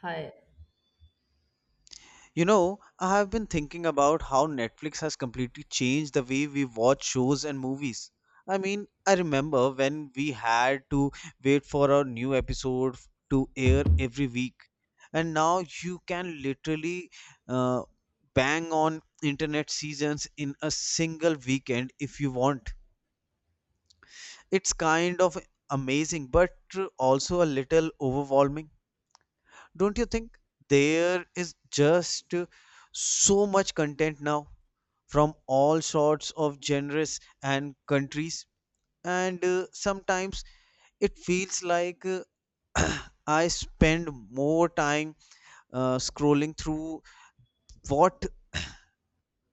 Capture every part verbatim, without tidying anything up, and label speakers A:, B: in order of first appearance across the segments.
A: Hi.
B: You know, I have been thinking about how Netflix has completely changed the way we watch shows and movies. I mean, I remember when we had to wait for a new episode f- to air every week, and now you can literally uh, bang on internet seasons in a single weekend if you want. It's kind of amazing, but also a little overwhelming. Don't you think there is just so much content now from all sorts of genres and countries? And uh, sometimes it feels like uh, I spend more time uh, scrolling through what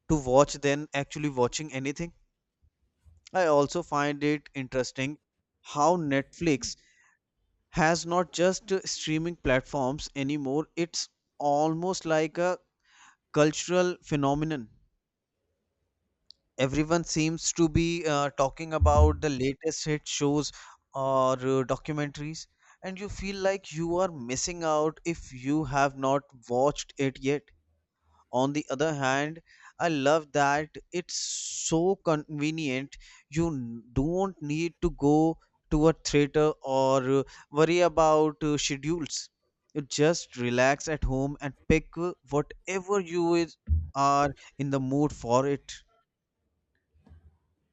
B: to watch than actually watching anything. I also find it interesting how Netflix has not just uh, streaming platforms anymore, it's almost like a cultural phenomenon. Everyone seems to be uh, talking about the latest hit shows or uh, documentaries, and you feel like you are missing out if you have not watched it yet. On the other hand, I love that it's so convenient. You n- don't need to go to a theater or uh, worry about uh, schedules. You just relax at home and pick uh, whatever you is, are in the mood for it.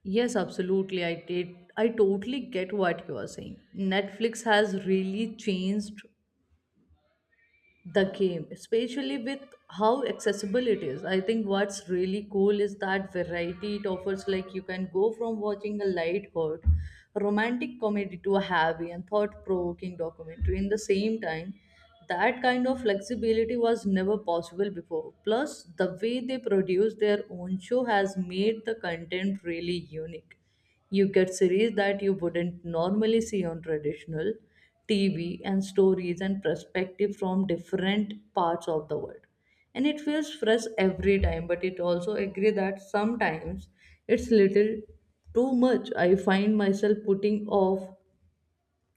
A: Yes, absolutely. I did. I totally get what you are saying. Netflix has really changed the game, especially with how accessible it is. I think what's really cool is that variety it offers. Like you can go from watching a light heart romantic comedy to a heavy and thought-provoking documentary in the same time. That kind of flexibility was never possible before. Plus, the way they produce their own show has made the content really unique. You get series that you wouldn't normally see on traditional T V and stories and perspective from different parts of the world. And it feels fresh every time, but it also agree that sometimes it's little too much. I find myself putting off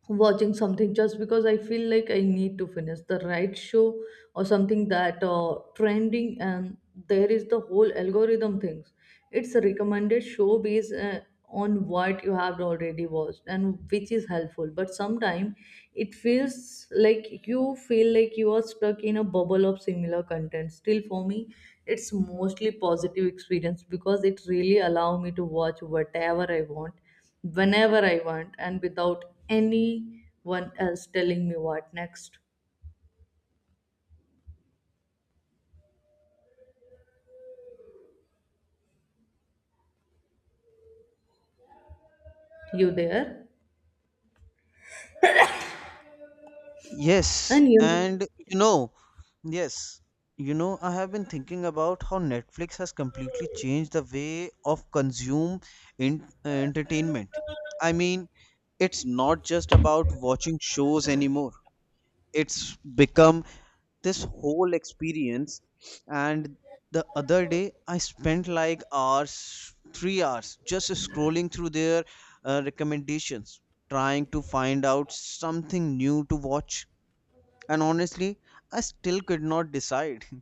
A: watching something just because I feel like I need to finish the right show or something that uh, trending, and there is the whole algorithm things. It's a recommended show based uh, on what you have already watched and which is helpful. But sometimes it feels like you feel like you are stuck in a bubble of similar content. Still, for me, it's mostly positive experience because it really allow me to watch whatever I want whenever I want and without anyone else telling me what next. You there?
B: Yes,
A: And you.
B: and you know, yes, you know, I have been thinking about how Netflix has completely changed the way of consume in uh, entertainment. I mean, it's not just about watching shows anymore. It's become this whole experience. And the other day, I spent like hours, three hours, just scrolling through their uh, recommendations, trying to find out something new to watch, and honestly I still could not decide.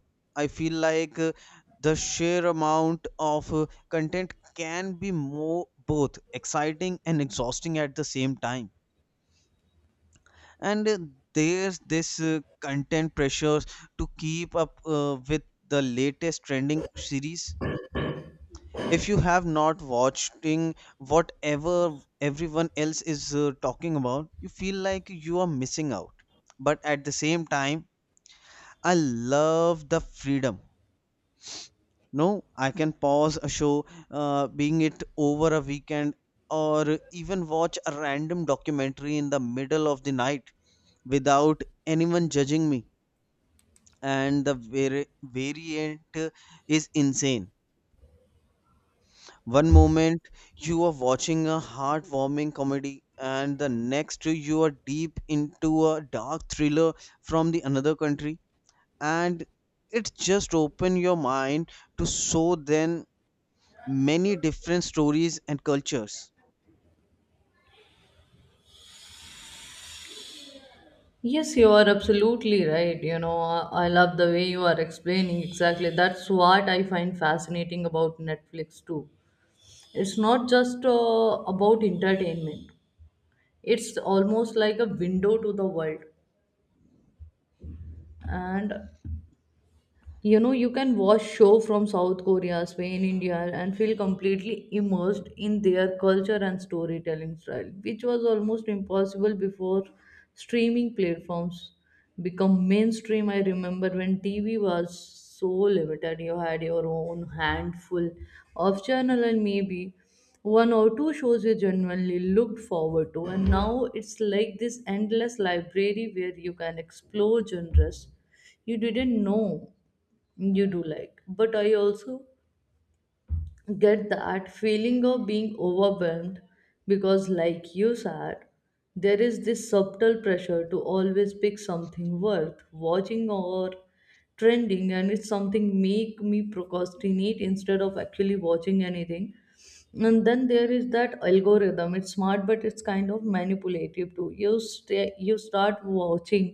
B: I feel like uh, the sheer amount of uh, content can be more both exciting and exhausting at the same time. And uh, there's this uh, content pressures to keep up uh, with the latest trending series. If you have not watching whatever everyone else is uh, talking about, you feel like you are missing out. But at the same time, I love the freedom. No, I can pause a show, uh, being it over a weekend, or even watch a random documentary in the middle of the night without anyone judging me. And the vari- variant is insane. One moment you are watching a heartwarming comedy, and the next you are deep into a dark thriller from the another country, and it just open your mind to so then many different stories and cultures.
A: Yes, you are absolutely right. You know, I I love the way you are explaining exactly. That's what I find fascinating about Netflix too. It's not just uh, about entertainment. It's almost like a window to the world. And you know you can watch show from South Korea, Spain, India and feel completely immersed in their culture and storytelling style, which was almost impossible before streaming platforms become mainstream. I remember when TV was so limited, you had your own handful of channel and maybe one or two shows you genuinely looked forward to, and now it's like this endless library where you can explore genres you didn't know you do like. But I also get that feeling of being overwhelmed because, like you said, there is this subtle pressure to always pick something worth watching or trending, and it's something make me procrastinate instead of actually watching anything. And then there is that algorithm. It's smart, but it's kind of manipulative too. You sta you start watching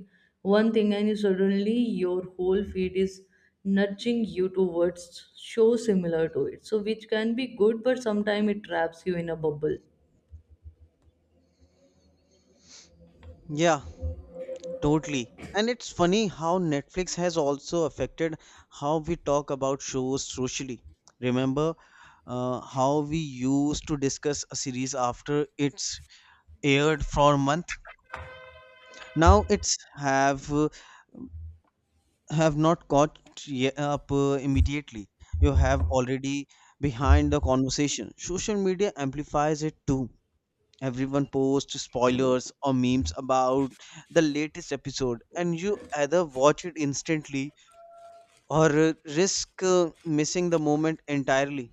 A: one thing and you suddenly your whole feed is nudging you towards shows similar to it, so which can be good, but sometimes it traps you in a bubble.
B: Yeah, totally. And it's funny how Netflix has also affected how we talk about shows socially. Remember uh, how we used to discuss a series after it's aired for a month? Now it's have uh, have not caught ye- up uh, immediately. You have already behind the conversation. Social media amplifies it too. Everyone posts spoilers or memes about the latest episode, and you either watch it instantly or uh, risk uh, missing the moment entirely.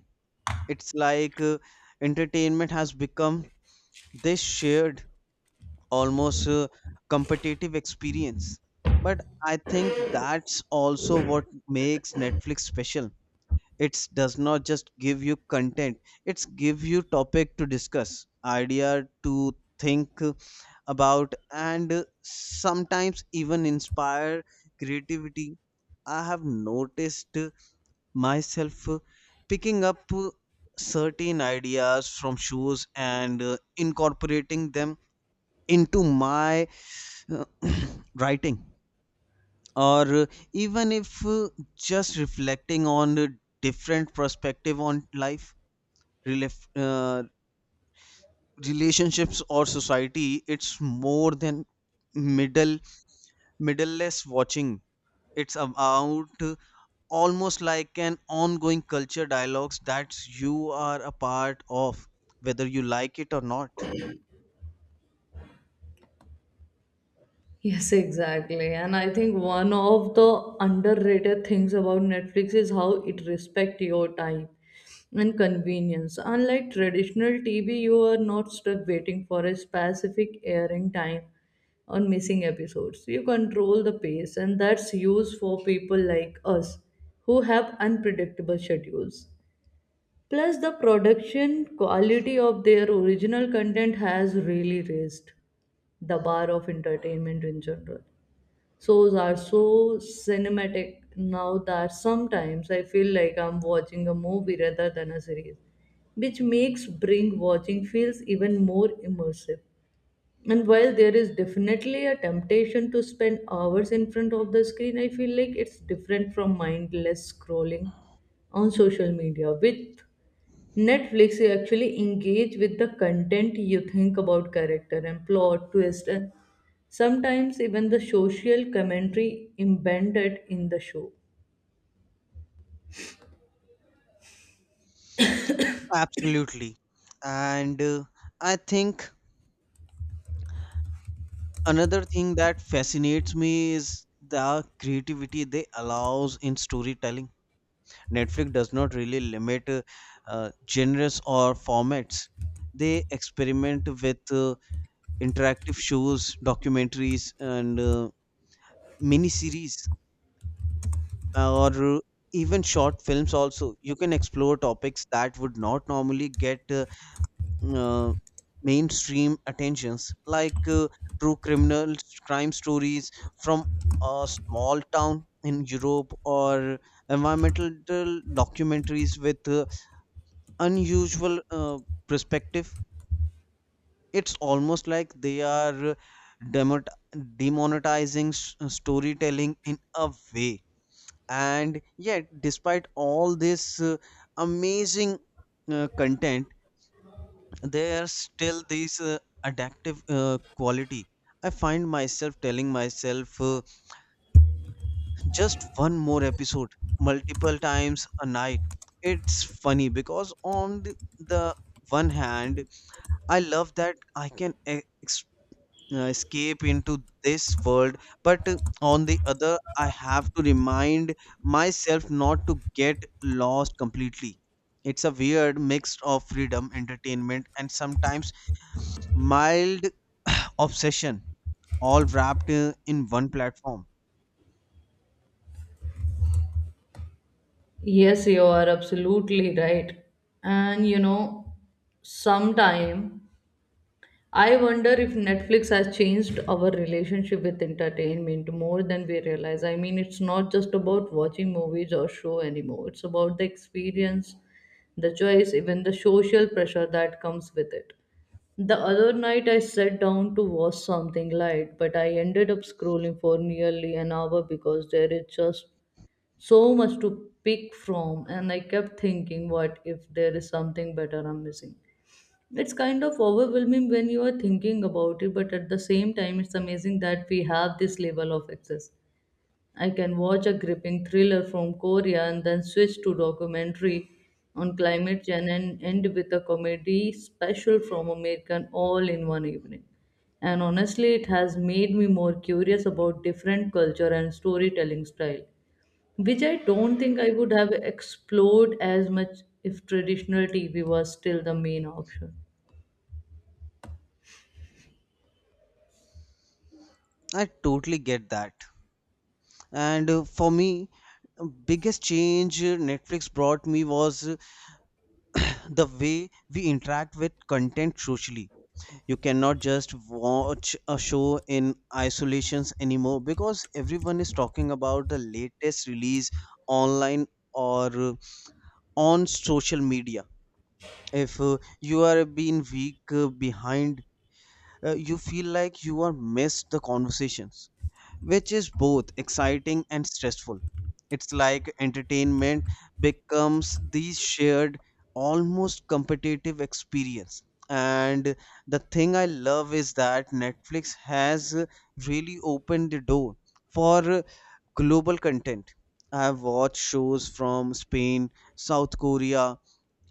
B: It's like uh, entertainment has become this shared, almost uh, competitive experience. But I think that's also what makes Netflix special. It does not just give you content, it's give you topic to discuss, idea to think about, and uh, sometimes even inspire creativity. I have noticed uh, myself uh, picking up uh, certain ideas from shows, and uh, incorporating them into my uh, writing or uh, even if uh, just reflecting on a different perspective on life, relef- uh, relationships, or society. It's more than middle middleless watching. It's about almost like an ongoing culture dialogues that you are a part of, whether you like it or not.
A: Yes, exactly. And I think one of the underrated things about Netflix is how it respects your time and convenience. Unlike traditional T V, you are not stuck waiting for a specific airing time or missing episodes. You control the pace, and that's used for people like us who have unpredictable schedules. Plus, the production quality of their original content has really raised the bar of entertainment in general. Shows are so cinematic now that sometimes I feel like I'm watching a movie rather than a series, which makes bring watching feels even more immersive. And while there is definitely a temptation to spend hours in front of the screen, I feel like it's different from mindless scrolling on social media. With Netflix, actually engage with the content. You think about character and plot twist and sometimes even the social commentary embedded in the show.
B: Absolutely. And uh, I think another thing that fascinates me is the creativity they allows in storytelling. Netflix does not really limit uh, uh, genres or formats. They experiment with uh, interactive shows, documentaries, and uh, miniseries, uh, or even short films. Also you can explore topics that would not normally get uh, uh, mainstream attentions, like uh, true criminal crime stories from a small town in Europe, or environmental documentaries with uh, unusual uh, perspective. It's almost like they are uh, demot- demonetizing s- storytelling in a way. And yet despite all this uh, amazing uh, content, there's still this uh, addictive uh, quality. I find myself telling myself uh, just one more episode, multiple times a night. It's funny because on the, the one hand, I love that I can e- uh, escape into this world, but uh, on the other I have to remind myself not to get lost completely. It's a weird mix of freedom, entertainment, and sometimes mild obsession, all wrapped uh, in one platform.
A: Yes, you are absolutely right. And you know, sometime I wonder if Netflix has changed our relationship with entertainment more than we realize. I mean, it's not just about watching movies or show anymore. It's about the experience, the choice, even the social pressure that comes with it. The other night I sat down to watch something light, but I ended up scrolling for nearly an hour because there is just so much to pick from, and I kept thinking what if there is something better I'm missing. It's kind of overwhelming when you are thinking about it, but at the same time, it's amazing that we have this level of access. I can watch a gripping thriller from Korea and then switch to documentary on climate change and end with a comedy special from American, all in one evening. And honestly, it has made me more curious about different culture and storytelling style, which I don't think I would have explored as much if traditional T V was still the main option.
B: I totally get that. And uh, for me, uh, biggest change uh, Netflix brought me was uh, the way we interact with content socially. You cannot just watch a show in isolations anymore, because everyone is talking about the latest release online or uh, on social media. If uh, you are being week uh, behind, uh, you feel like you are missed the conversations, which is both exciting and stressful. It's like entertainment becomes the shared, almost competitive experience. And the thing I love is that Netflix has uh, really opened the door for uh, global content. I have watched shows from Spain, South Korea,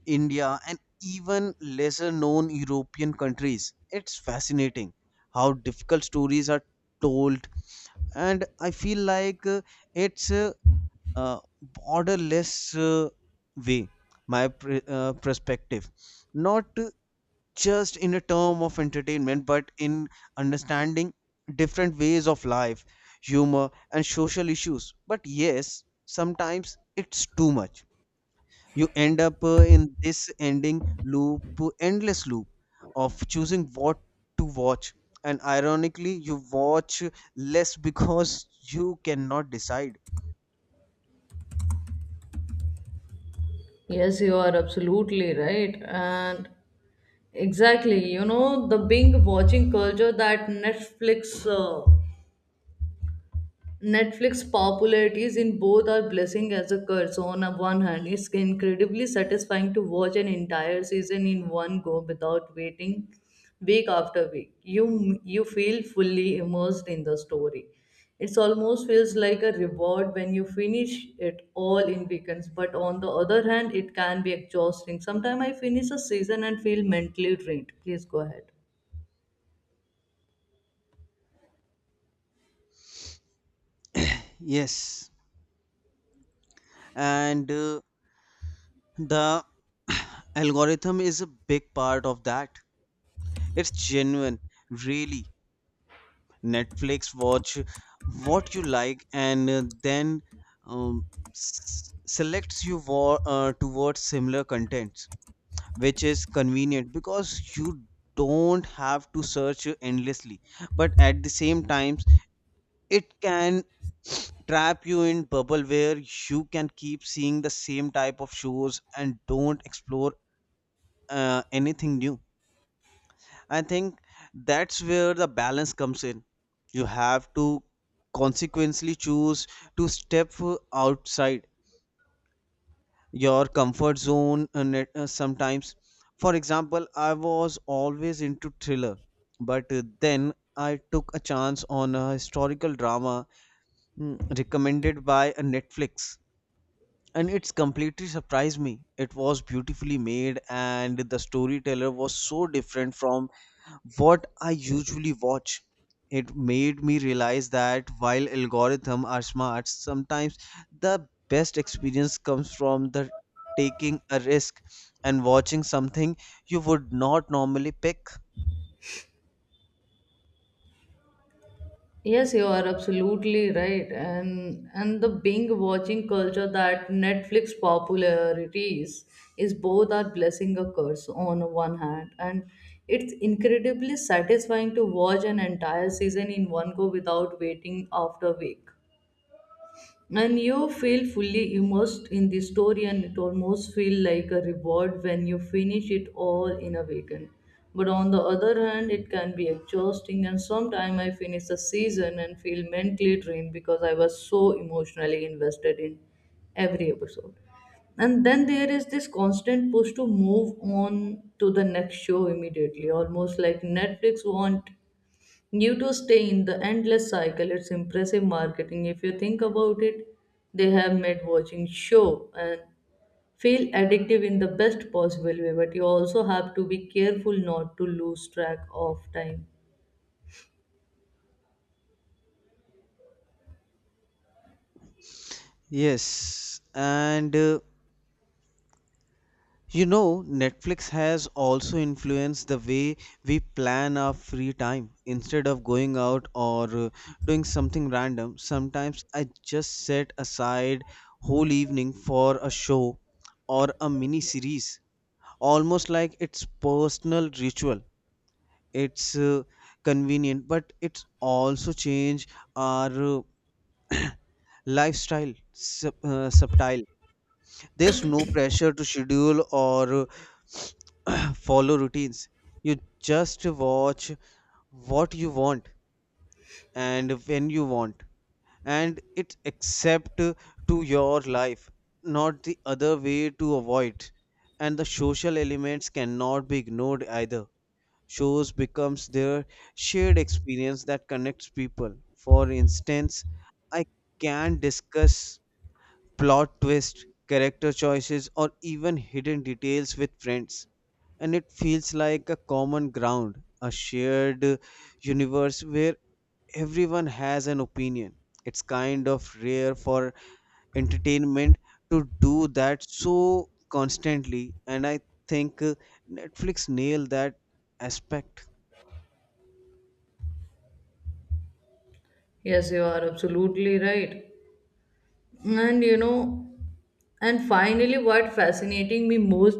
B: India, and even lesser known European countries. It's fascinating how difficult stories are told, and I feel like uh, it's a uh, borderless uh, way, my pre- uh, perspective, not just in a term of entertainment but in understanding different ways of life, humor, and social issues. But yes, sometimes it's too much. You end up uh, in this ending loop endless loop of choosing what to watch, and ironically you watch less because you cannot decide.
A: Yes, you are absolutely right. And exactly, you know, the binge watching culture that Netflix uh, Netflix popularity is in both our blessing as a curse. On a one hand, it's incredibly satisfying to watch an entire season in one go without waiting week after week. You you feel fully immersed in the story. It almost feels like a reward when you finish it all in weekends. But on the other hand, it can be exhausting. Sometimes I finish a season and feel mentally drained. Please go ahead.
B: Yes and uh, the algorithm is a big part of that. It's genuine, really. Netflix watch what you like, and uh, then, um, s- selects you wa- uh, towards similar content, which is convenient because you don't have to search endlessly. But at the same times, it can trap you in bubble, where you can keep seeing the same type of shows and don't explore uh, anything new. I think that's where the balance comes in. You have to consequently choose to step outside your comfort zone, uh, net, uh, sometimes. For example, I was always into thriller, but uh, then I took a chance on a historical drama, mm, recommended by a Netflix, and it's completely surprised me. It was beautifully made, and the storyteller was so different from what I usually watch. It made me realize that while algorithms are smart, sometimes the best experience comes from the taking a risk and watching something you would not normally pick.
A: Yes, you are absolutely right. And and the binge watching culture that Netflix popularities is both our blessing a curse on one hand. And it's incredibly satisfying to watch an entire season in one go without waiting after week, and you feel fully immersed in the story, and it almost feel like a reward when you finish it all in a weekend. But on the other hand, it can be exhausting, and sometimes I finish a season and feel mentally drained because I was so emotionally invested in every episode. And then there is this constant push to move on to the next show immediately, almost like Netflix want New to stay in the endless cycle. It's impressive marketing. If you think about it, they have made watching show and feel addictive in the best possible way, but you also have to be careful not to lose track of time.
B: Yes, and uh, You know, Netflix has also influenced the way we plan our free time. Instead of going out or uh, doing something random, sometimes I just set aside whole evening for a show or a mini series, almost like it's personal ritual. It's uh, convenient, but it's also change our uh, lifestyle sub, uh, subtile. There's no pressure to schedule or follow routines. You just watch what you want and when you want, and it's accept to your life, not the other way to avoid. And the social elements cannot be ignored either. Shows becomes their shared experience that connects people. For instance, I can discuss plot twists, character choices, or even hidden details with friends. And it feels like a common ground, a shared uh, universe where everyone has an opinion. It's kind of rare for entertainment to do that so constantly, and I think uh, Netflix nailed that aspect.
A: Yes, you are absolutely right. And you know, and finally, what fascinating me most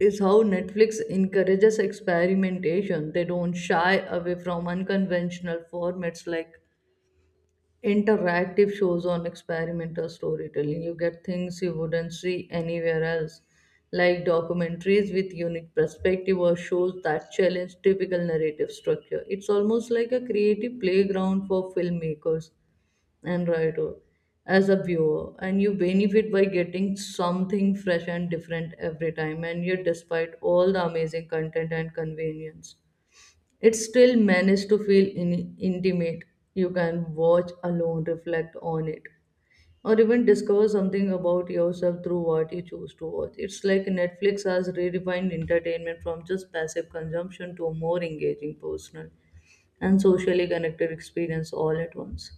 A: is how Netflix encourages experimentation. They don't shy away from unconventional formats like interactive shows on experimental storytelling. You get things you wouldn't see anywhere else, like documentaries with unique perspective or shows that challenge typical narrative structure. It's almost like a creative playground for filmmakers and writer as a viewer, and you benefit by getting something fresh and different every time. And yet, despite all the amazing content and convenience, it still managed to feel in- intimate. You can watch alone, reflect on it, or even discover something about yourself through what you choose to watch. It's like Netflix has redefined entertainment from just passive consumption to a more engaging, personal, and socially connected experience all at once.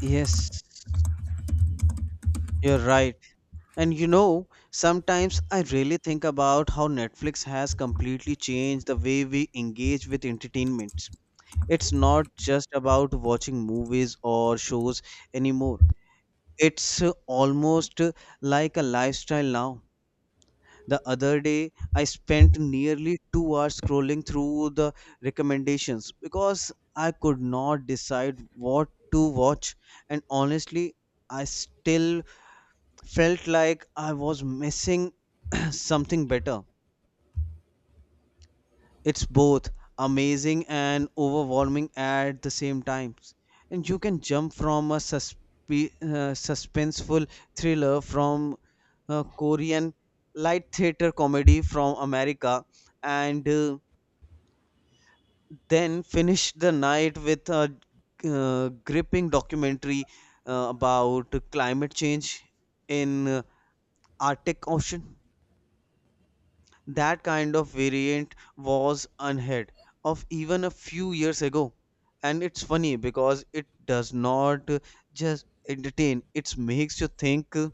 B: Yes, you're right. And you know, sometimes I really think about how Netflix has completely changed the way we engage with entertainment. It's not just about watching movies or shows anymore. It's uh, almost uh, like a lifestyle now. The other day, I spent nearly two hours scrolling through the recommendations because I could not decide what to watch. And honestly, I still felt like I was missing something better. It's both amazing and overwhelming at the same time. And you can jump from a suspe- uh, suspenseful thriller from uh, Korean, light theater comedy from America, and uh, then finish the night with a uh, gripping documentary uh, about climate change in uh, Arctic Ocean. That kind of variant was unheard of even a few years ago. And it's funny because it does not uh, just entertain, it makes you think, uh,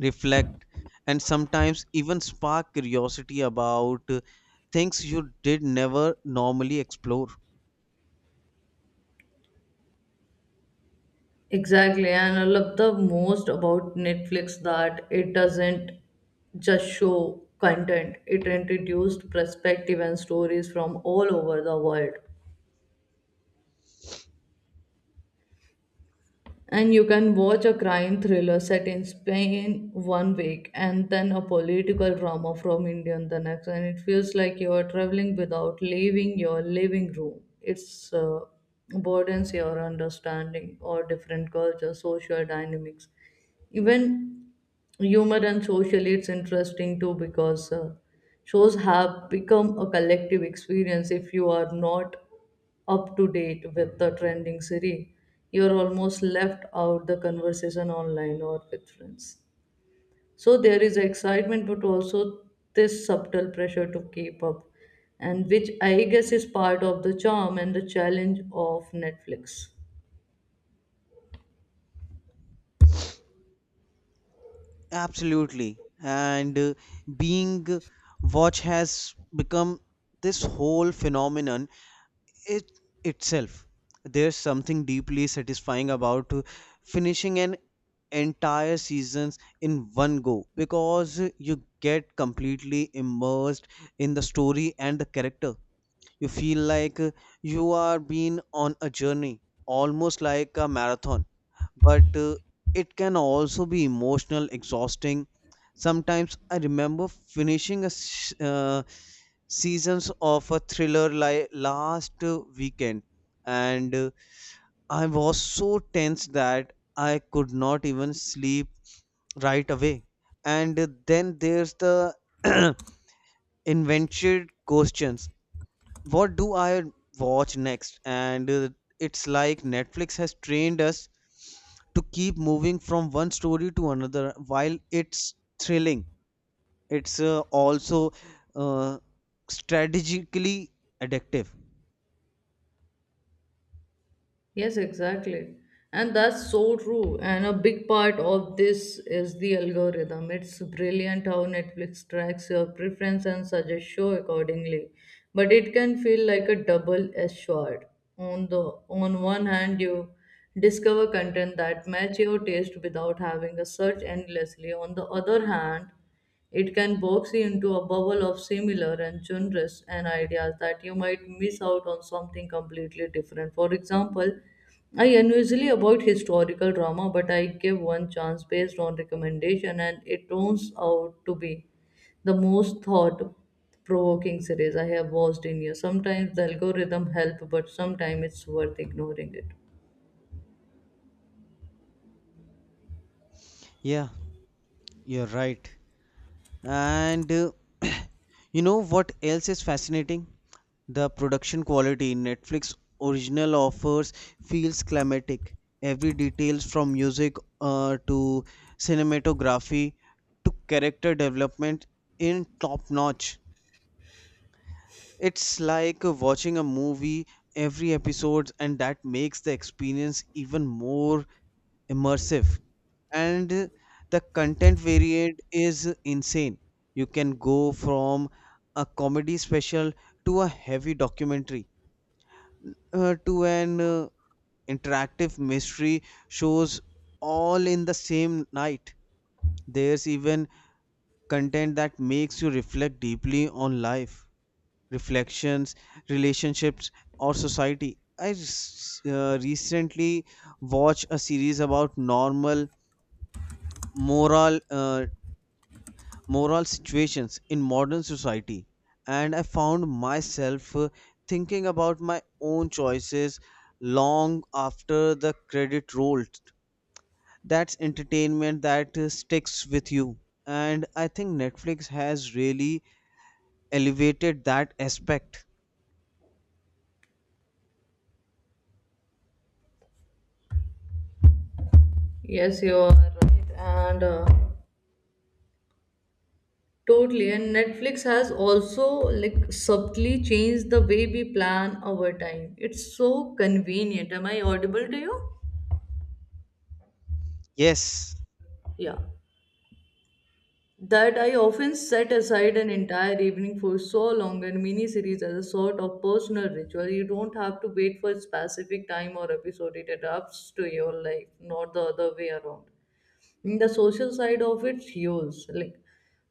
B: reflect, and sometimes even spark curiosity about uh, things you did never normally explore.
A: Exactly, and I love the most about Netflix that it doesn't just show content, it introduced perspective and stories from all over the world. And you can watch a crime thriller set in Spain one week and then a political drama from India in the next. And it feels like you are traveling without leaving your living room. It's uh, broadens your understanding or different cultures, social dynamics. Even humor and socially, it's interesting too because uh, shows have become a collective experience. If you are not up to date with the trending series, you're almost left out the conversation online or with friends. So there is excitement, but also this subtle pressure to keep up, and which I guess is part of the charm and the challenge of Netflix.
B: Absolutely. And uh, being uh, watch has become this whole phenomenon it itself There's something deeply satisfying about finishing an entire seasons in one go, because you get completely immersed in the story and the character. You feel like you are being on a journey, almost like a marathon, but uh, it can also be emotional exhausting sometimes. I remember finishing a s- uh, seasons of a thriller like last uh, weekend, and uh, I was so tense that I could not even sleep right away. And then there's the invented questions, what do I watch next? And uh, It's like Netflix has trained us to keep moving from one story to another. While it's thrilling, it's uh, also uh, strategically addictive.
A: Yes, exactly. And that's so true. And a big part of this is the algorithm. It's brilliant how Netflix tracks your preference and suggests show accordingly. But it can feel like a double-edged sword. On the on one hand, you discover content that match your taste without having to search endlessly. On the other hand, it can box you into a bubble of similar and genres and ideas that you might miss out on something completely different. For example, I unusually avoid historical drama, but I give one chance based on recommendation, and it turns out to be the most thought provoking series I have watched in years. Sometimes the algorithm helps, but sometimes it's worth ignoring it.
B: Yeah, you're right. And uh, you know what else is fascinating? The production quality in Netflix original offers feels climatic. Every details from music uh, to cinematography to character development in top notch. It's like watching a movie every episode, and that makes the experience even more immersive. And the content varied is insane. You can go from a comedy special to a heavy documentary uh, to an uh, interactive mystery shows, all in the same night. There's even content that makes you reflect deeply on life, reflections, relationships, or society. I s- uh, recently watched a series about normal moral uh, moral situations in modern society, and I found myself uh, thinking about my own choices long after the credit rolled. That's entertainment that uh, sticks with you, and I think Netflix has really elevated that aspect.
A: Yes, you are right. And uh, totally, and Netflix has also like subtly changed the way we plan our time. It's so convenient. Am I audible to you?
B: Yes.
A: Yeah. That I often set aside an entire evening for so long and miniseries as a sort of personal ritual. You don't have to wait for a specific time or episode. It adapts to your life, not the other way around. In the social side of it, shows like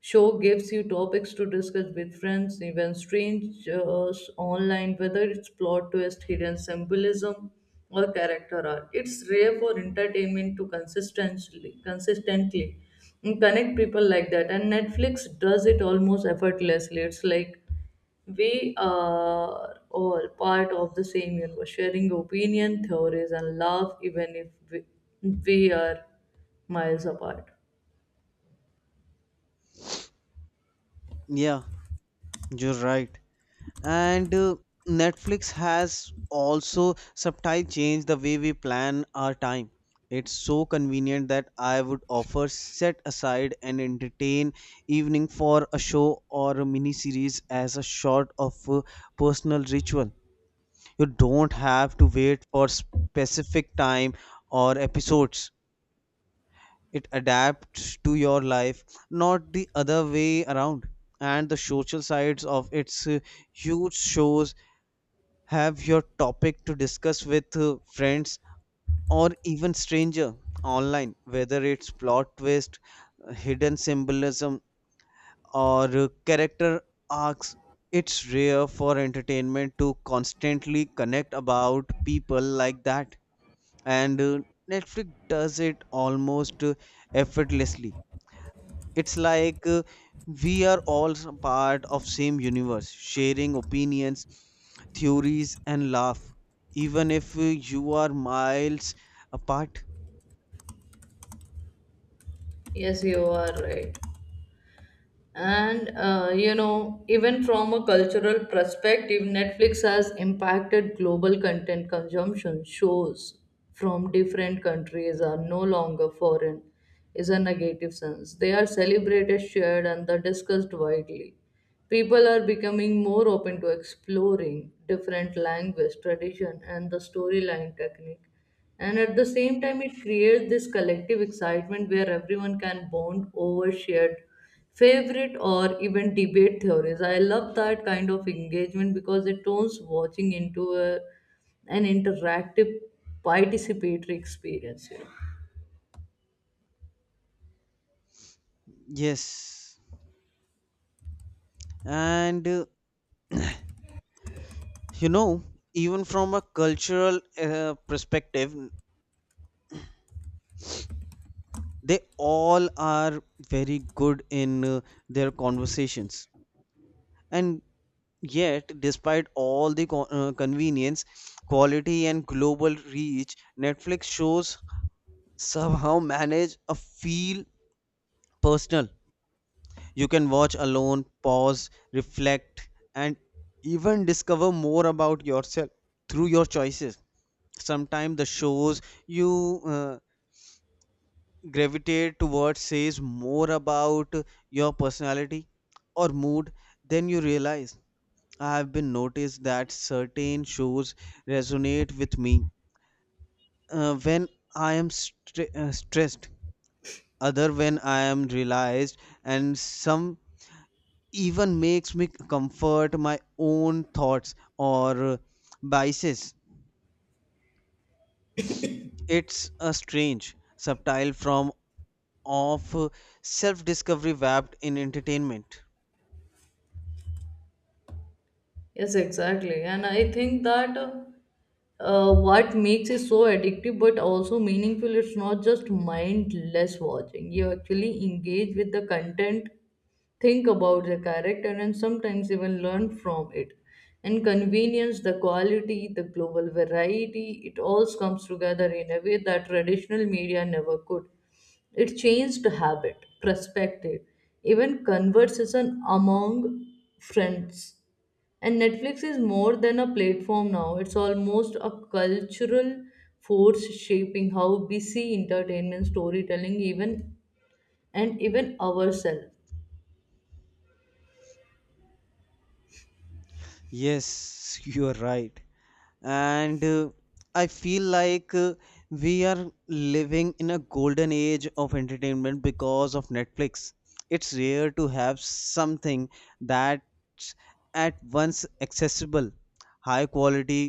A: show gives you topics to discuss with friends, even strangers online, whether it's plot twist, hidden symbolism, or character arc. It's rare for entertainment to consistently consistently connect people like that, and Netflix does it almost effortlessly. It's like we are all part of the same universe, sharing opinion, theories, and love, even if we, we are miles apart.
B: Yeah, you're right. and uh, Netflix has also subtly changed the way we plan our time. It's so convenient that I would offer set aside an entertain evening for a show or a mini series as a sort of uh, personal ritual. You don't have to wait for specific time or episodes. It adapts to your life, not the other way around. And the social sides of its uh, huge shows have your topic to discuss with uh, friends or even stranger online, whether it's plot twist, hidden symbolism, or uh, character arcs. It's rare for entertainment to constantly connect about people like that, and uh, Netflix does it almost uh, effortlessly. It's like uh, we are all s- part of same universe, sharing opinions, theories, and laugh, even if uh, you are miles apart.
A: Yes, you are right. And uh, you know, even from a cultural perspective, Netflix has impacted global content consumption. Shows from different countries are no longer foreign is a negative sense. They are celebrated, shared and they're discussed widely. People are becoming more open to exploring different language tradition and the storyline technique. And at the same time, it creates this collective excitement where everyone can bond over shared favorite or even debate theories. I love that kind of engagement because it turns watching into a, an interactive, participatory experience. You know.
B: Yes. and uh, You know, even from a cultural uh, perspective, they all are very good in uh, their conversations. And yet, despite all the co- uh, convenience, quality, and global reach, Netflix shows somehow manage a feel personal. You can watch alone, pause, reflect, and even discover more about yourself through your choices. Sometimes the shows you uh, gravitate towards says more about your personality or mood than you realize. I have been noticed that certain shows resonate with me uh, when I am stre- uh, stressed, other when I am realized, and some even makes me comfort my own thoughts or uh, biases. It's a strange, subtle form of self discovery wrapped in entertainment.
A: Yes, exactly. And I think that. Uh, uh, what makes it so addictive but also meaningful, it's not just mindless watching. You actually engage with the content, think about the character and sometimes even learn from it. And convenience, the quality, the global variety, it all comes together in a way that traditional media never could. It changed habit, perspective, even conversation among friends. And Netflix is more than a platform now, it's almost a cultural force shaping how we see entertainment, storytelling, even and even ourselves.
B: Yes, you are right. and uh, I feel like uh, we are living in a golden age of entertainment because of Netflix. It's rare to have something that's at once accessible, high quality,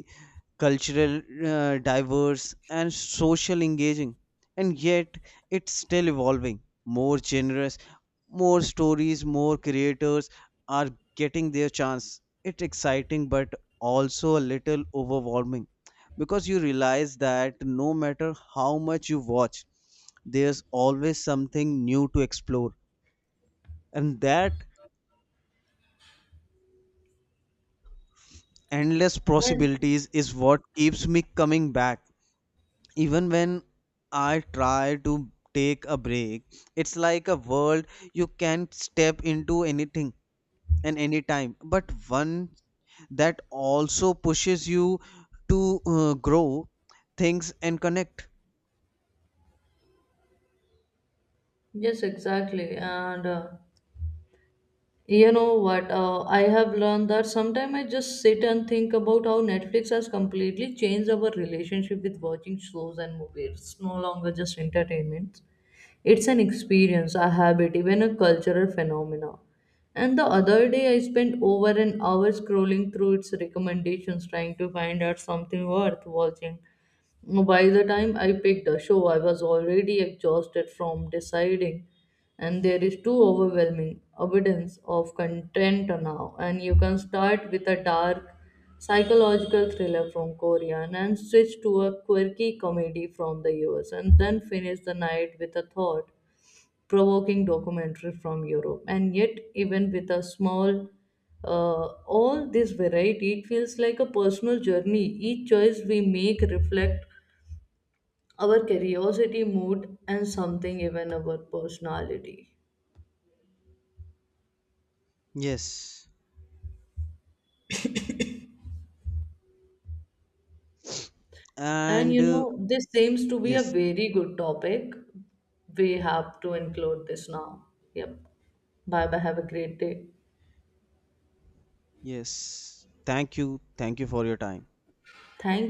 B: cultural, uh, diverse, and social engaging. And yet it's still evolving, more generous, more stories, more creators are getting their chance. It's exciting, but also a little overwhelming, because you realize that no matter how much you watch, there's always something new to explore. And that endless
A: And-
B: possibilities is what keeps me coming back, even when I try to take a break. It's like a world you can step into anything and anytime but one. That also pushes you to uh, grow things and connect.
A: Yes, exactly. And uh, you know what? Uh, I have learned that sometimes I just sit and think about how Netflix has completely changed our relationship with watching shows and movies. It's no longer just entertainment, it's an experience, a habit, even a cultural phenomena. And the other day, I spent over an hour scrolling through its recommendations trying to find out something worth watching. By the time I picked a show, I was already exhausted from deciding, and there is too overwhelming abundance of content now. And you can start with a dark psychological thriller from Korea and then switch to a quirky comedy from the U S and then finish the night with a thought provoking documentary from Europe. And yet, even with a small, uh, all this variety, it feels like a personal journey. Each choice we make reflect our curiosity, mood, and something even our personality.
B: Yes.
A: And
B: and
A: you
B: uh,
A: know, this seems to be a
B: Yes.
A: very good topic. We have to include this now. Yep. Bye bye. Have a great day.
B: Yes, thank you, thank you for your time.
A: Thank